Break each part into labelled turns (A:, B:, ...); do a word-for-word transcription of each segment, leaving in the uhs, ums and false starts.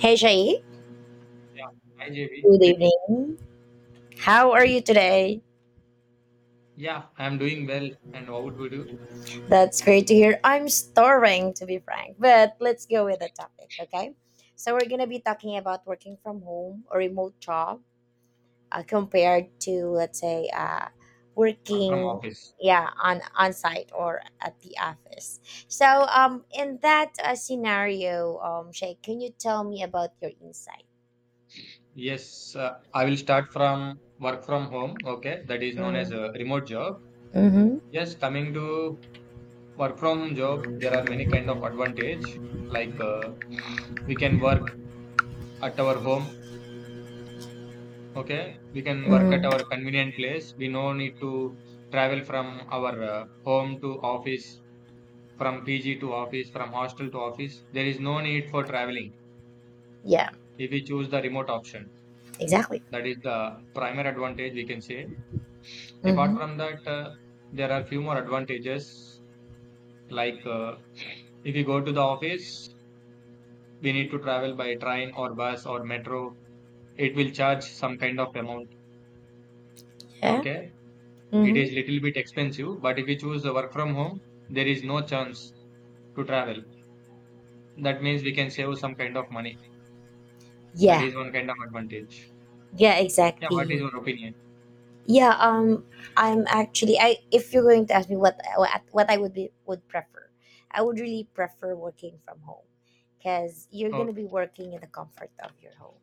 A: Hey Shai,
B: Yeah. Hi, J B.
A: good
B: Good evening.
A: evening. How are you today?
B: Yeah, I'm doing well. And how would we do?
A: That's great to hear. I'm starving, to be frank, but let's go with the topic, okay? So, we're going to be talking about working from home or remote job uh, compared to, let's say, uh,
B: Work from
A: working,
B: office.
A: yeah, on on site or at the office. So, um in that uh, scenario, um Shay, can you tell me about your insight?
B: Yes, uh, I will start from work from home. Okay, that is known as
A: Mm-hmm.
B: a remote job.
A: Mm-hmm.
B: Yes, coming to work from home job, there are many kind of advantage. Like uh, we can work at our home. Okay, we can work at our
A: Mm-hmm.
B: convenient place. We no need to travel from our uh, home to office, from P G to office, from hostel to office. There is no need for traveling
A: Yeah,
B: if we choose the remote option.
A: exactly.
B: That is the primary advantage we can say. Apart
A: Mm-hmm.
B: from that, uh, there are few more advantages like uh, if you go to the office, we need to travel by train or bus or metro. It will charge some kind of amount.
A: Yeah.
B: Okay, it
A: Mm-hmm.
B: is little bit expensive, but if you choose the work from home, there is no chance to travel. That means we can save some kind of money. That
A: Yeah,
B: is one kind of advantage.
A: yeah,
B: Yeah, what is
A: exactly.
B: your opinion?
A: Yeah, um, I'm actually. I If you're going to ask me what what, what I would be would prefer, I would really prefer working from home, because you're
B: Oh,
A: gonna be working in the comfort of your home,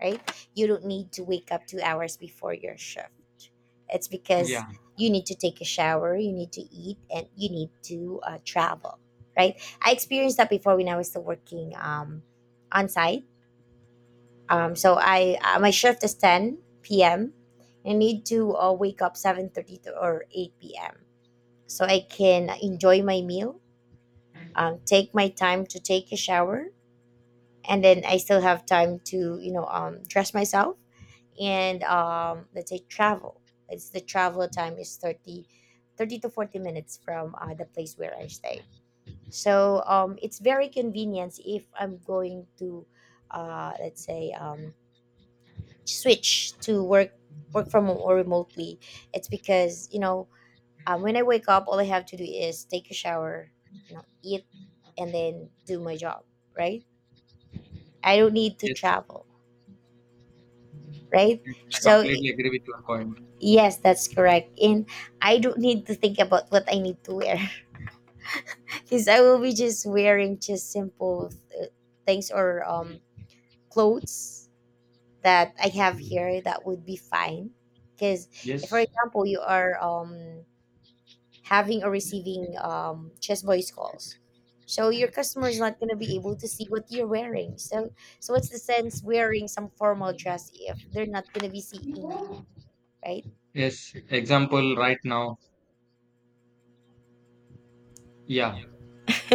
A: right? You don't need to wake up two hours before your shift. It's because
B: yeah,
A: you need to take a shower, you need to eat, and you need to uh, travel, right? I experienced that before when I was still working um on site. Um, so I uh, my shift is ten p m. I need to uh, wake up seven thirty to- or eight p m so I can enjoy my meal, um, take my time to take a shower, and then I still have time to you know um, dress myself and, um, let's say, travel. It's the travel time is thirty thirty to forty minutes from uh, the place where I stay. So, um, it's very convenient if I'm going to, uh, let's say, um, switch to work work from home or remotely. It's because, you know um, when I wake up, all I have to do is take a shower, you know eat, and then do my job, right? I don't need to
B: yes,
A: travel, right?
B: yes, I
A: So
B: completely agree with your point.
A: yes, that's correct, and I don't need to think about what I need to wear. Because I will be just wearing just simple uh, things or um clothes that I have here. That would be fine, because if, for
B: Yes.
A: example, you are um having or receiving, um, just voice calls. So your customer is not going to be able to see what you're wearing. So so what's the sense wearing some formal dress if they're not going to be seeing you, right?
B: Yes, example right now. Yeah,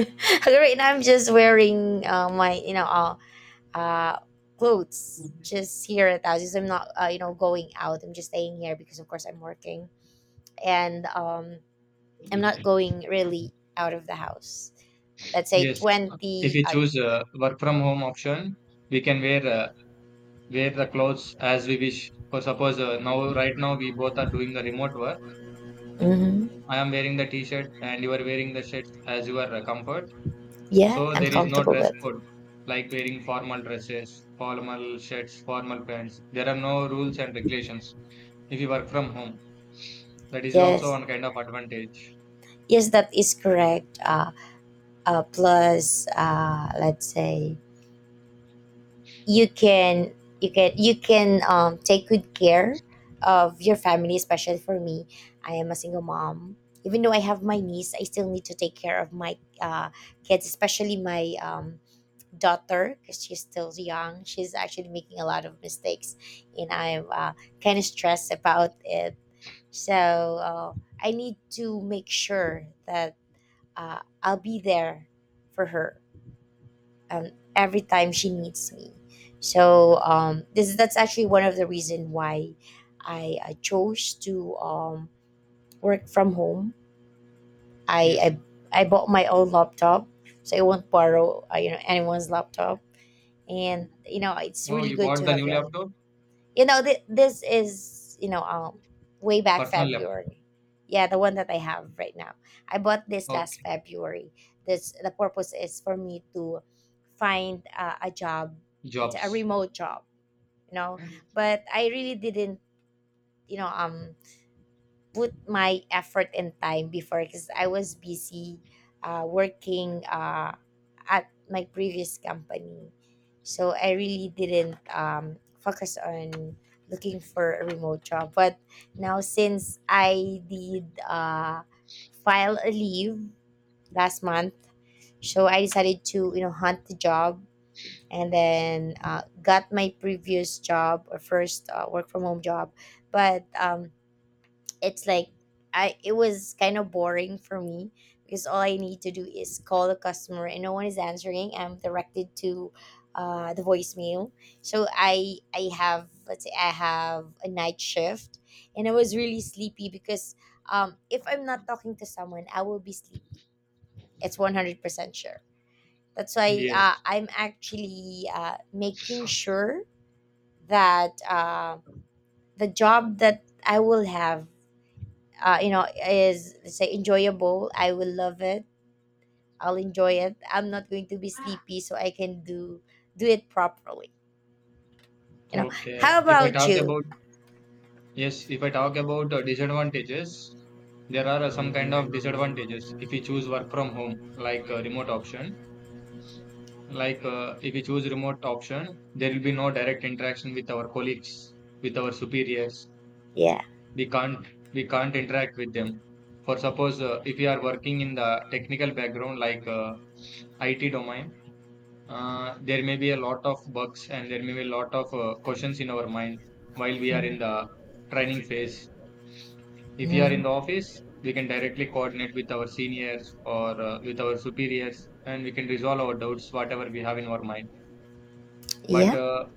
A: Right now I'm just wearing uh, my, you know uh, uh clothes, just here at the house. Because I'm not, uh, you know going out. I'm just staying here because of course I'm working, and um I'm not going really out of the house. Let's say
B: yes. If
A: twenty.
B: we
A: Uh,
B: choose uh, work from home option, we can wear uh, wear the clothes as we wish. For suppose uh, now right now we both are doing the remote work.
A: mhm.
B: I am wearing the t-shirt and you are wearing the shirts as your uh, comfort.
A: Yeah,
B: So
A: I'm
B: there is no
A: comfortable
B: dress
A: with.
B: code like wearing formal dresses, formal shirts, formal pants. There are no rules and regulations if you work from home. That is also
A: Yes,
B: one kind of advantage.
A: yes, that is correct. Uh, uh, plus, uh, let's say you can you can you can um, take good care of your family, especially for me. I am a single mom. Even though I have my niece, I still need to take care of my uh, kids, especially my, um, daughter, because she's still young. She's actually making a lot of mistakes, and I'm, uh, kind of stressed about it. So uh, I need to make sure that uh, I'll be there for her, um, every time she needs me. So, um, this that's actually one of the reason why I, I chose to, um, work from home. I,
B: Yes.
A: I I bought my own laptop, so I won't borrow, uh, you know anyone's laptop. And you know it's
B: Oh,
A: really
B: you
A: good
B: bought
A: to
B: the
A: have
B: new
A: your own.
B: laptop,
A: You know th- this is, you know uh, way back
B: personal laptop.
A: February. Yeah, the one that I have right now, I bought this last
B: Okay.
A: February. This the purpose is for me to find uh, a job, a a
B: Jobs.
A: remote job, you know. But I really didn't, you know um put my effort and time before, because I was busy uh, working uh, at my previous company. So I really didn't, um, focus on looking for a remote job. But now, since I did, uh, file a leave last month, so I decided to you know hunt the job, and then uh, got my previous job, or first uh, work from home job. But, um, it's like, I it was kind of boring for me, because all I need to do is call a customer and no one is answering. I'm directed to, uh, the voicemail. So I I have, let's say I have a night shift, and I was really sleepy, because, um, if I'm not talking to someone, I will be sleepy. It's one hundred percent sure. That's why, uh,
B: Yes.
A: I'm actually, uh, making sure that, uh, the job that I will have, uh, you know, is, let's say, enjoyable. I will love it. I'll enjoy it. I'm not going to be sleepy, so I can do do it properly. You know.
B: Okay.
A: How
B: If I
A: about
B: talk
A: you?
B: about yes, if I talk about uh, disadvantages, there are uh, some kind of disadvantages if you choose work from home, like uh, remote option. Like uh, if you choose remote option, there will be no direct interaction with our colleagues, with our superiors.
A: Yeah.
B: We can't we can't interact with them. For suppose uh, if you are working in the technical background like uh, I T domain, uh, there may be a lot of bugs and there may be a lot of uh, questions in our mind while we are in the training phase. If we are in
A: Mm,
B: the office, we can directly coordinate with our seniors or uh, with our superiors and we can resolve our doubts, whatever we have in our mind. But
A: yeah.
B: uh,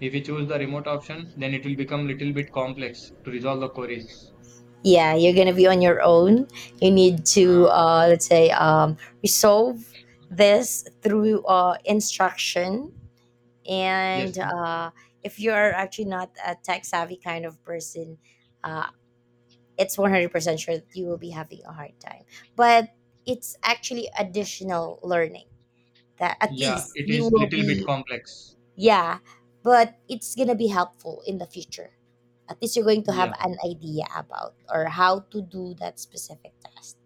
B: if we choose the remote option, then it will become little bit complex to resolve the queries.
A: Yeah. You're gonna be on your own. You need to,
B: Uh,
A: uh, let's say, um, resolve this through, uh, instruction, and
B: yes,
A: uh, if you're actually not a tech savvy kind of person. uh, it's one hundred percent sure that you will be having a hard time. But it's actually additional learning that at
B: yeah,
A: least
B: it
A: you
B: is
A: will
B: little bit
A: be,
B: complex.
A: yeah, but it's going to be helpful in the future. At least you're going to have
B: Yeah,
A: an idea about or how to do that specific task,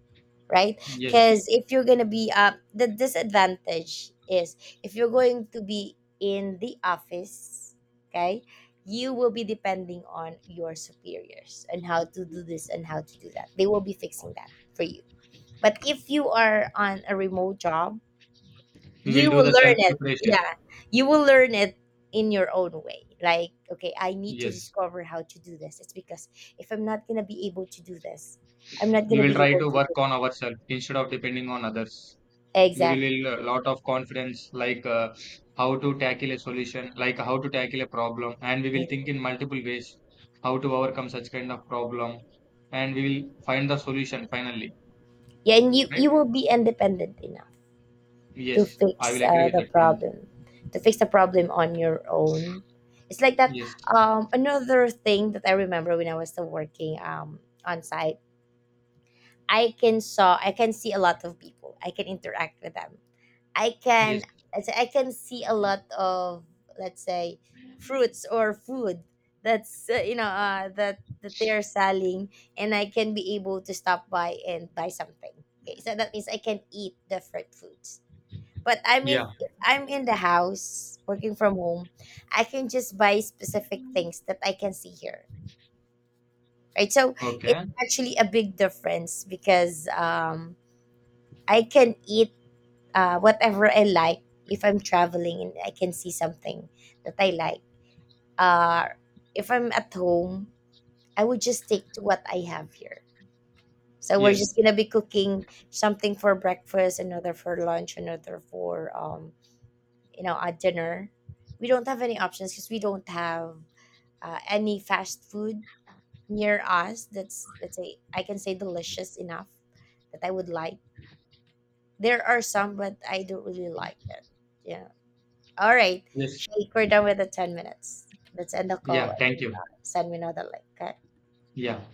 A: right?
B: yes,
A: Because if you're gonna be uh, the disadvantage is, if you're going to be in the office, okay, you will be depending on your superiors and how to do this and how to do that. They will be fixing that for you. But if you are on a remote job,
B: we will
A: you
B: do
A: will
B: the
A: learn
B: self
A: it.
B: preparation.
A: Yeah, you will learn it in your own way. Like, okay, I need to
B: Yes.
A: discover how to do this. It's because if I'm not gonna be able to do this, I'm not
B: We
A: gonna
B: will
A: be
B: try
A: able
B: to
A: to
B: work
A: do my
B: on
A: job.
B: ourselves instead of depending on others. We
A: Exactly.
B: will a lot of confidence, like uh, how to tackle a solution, like how to tackle a problem, and we will think in multiple ways how to overcome such kind of problem, and we will find the solution finally.
A: Yeah, and you
B: Right?
A: you will be independent enough to
B: Yes, I will
A: fix
B: agree
A: uh,
B: with
A: the
B: that point.
A: problem to fix the problem on your own. It's like that.
B: Yes,
A: Um another thing that I remember when I was still working, um on site, i can saw i can see a lot of people. I can interact with them. I can
B: yes,
A: I say- I can see a lot of, let's say, fruits or food that's uh, you know uh, that that they are selling, and I can be able to stop by and buy something. Okay, so that means I can eat different foods. But I'm if,
B: yeah,
A: if I'm in the house working from home, I can just buy specific things that I can see here. Right? So it's
B: okay,
A: actually a big difference, because um I can eat uh, whatever I like. If I'm traveling and I can see something that I like, uh, if I'm at home, I would just stick to what I have here. So we're
B: yes,
A: just gonna be cooking something for breakfast, another for lunch, another for, um, you know a dinner. We don't have any options because we don't have uh, any fast food near us. That's, let's say, I can say delicious enough that I would like. There are some, but I don't really like it. Yeah. All right.
B: yes,
A: Shake. We're done with the ten minutes. Let's end the call
B: yeah.
A: and
B: Thank
A: then,
B: you.
A: uh, send me another link. Okay.
B: Yeah.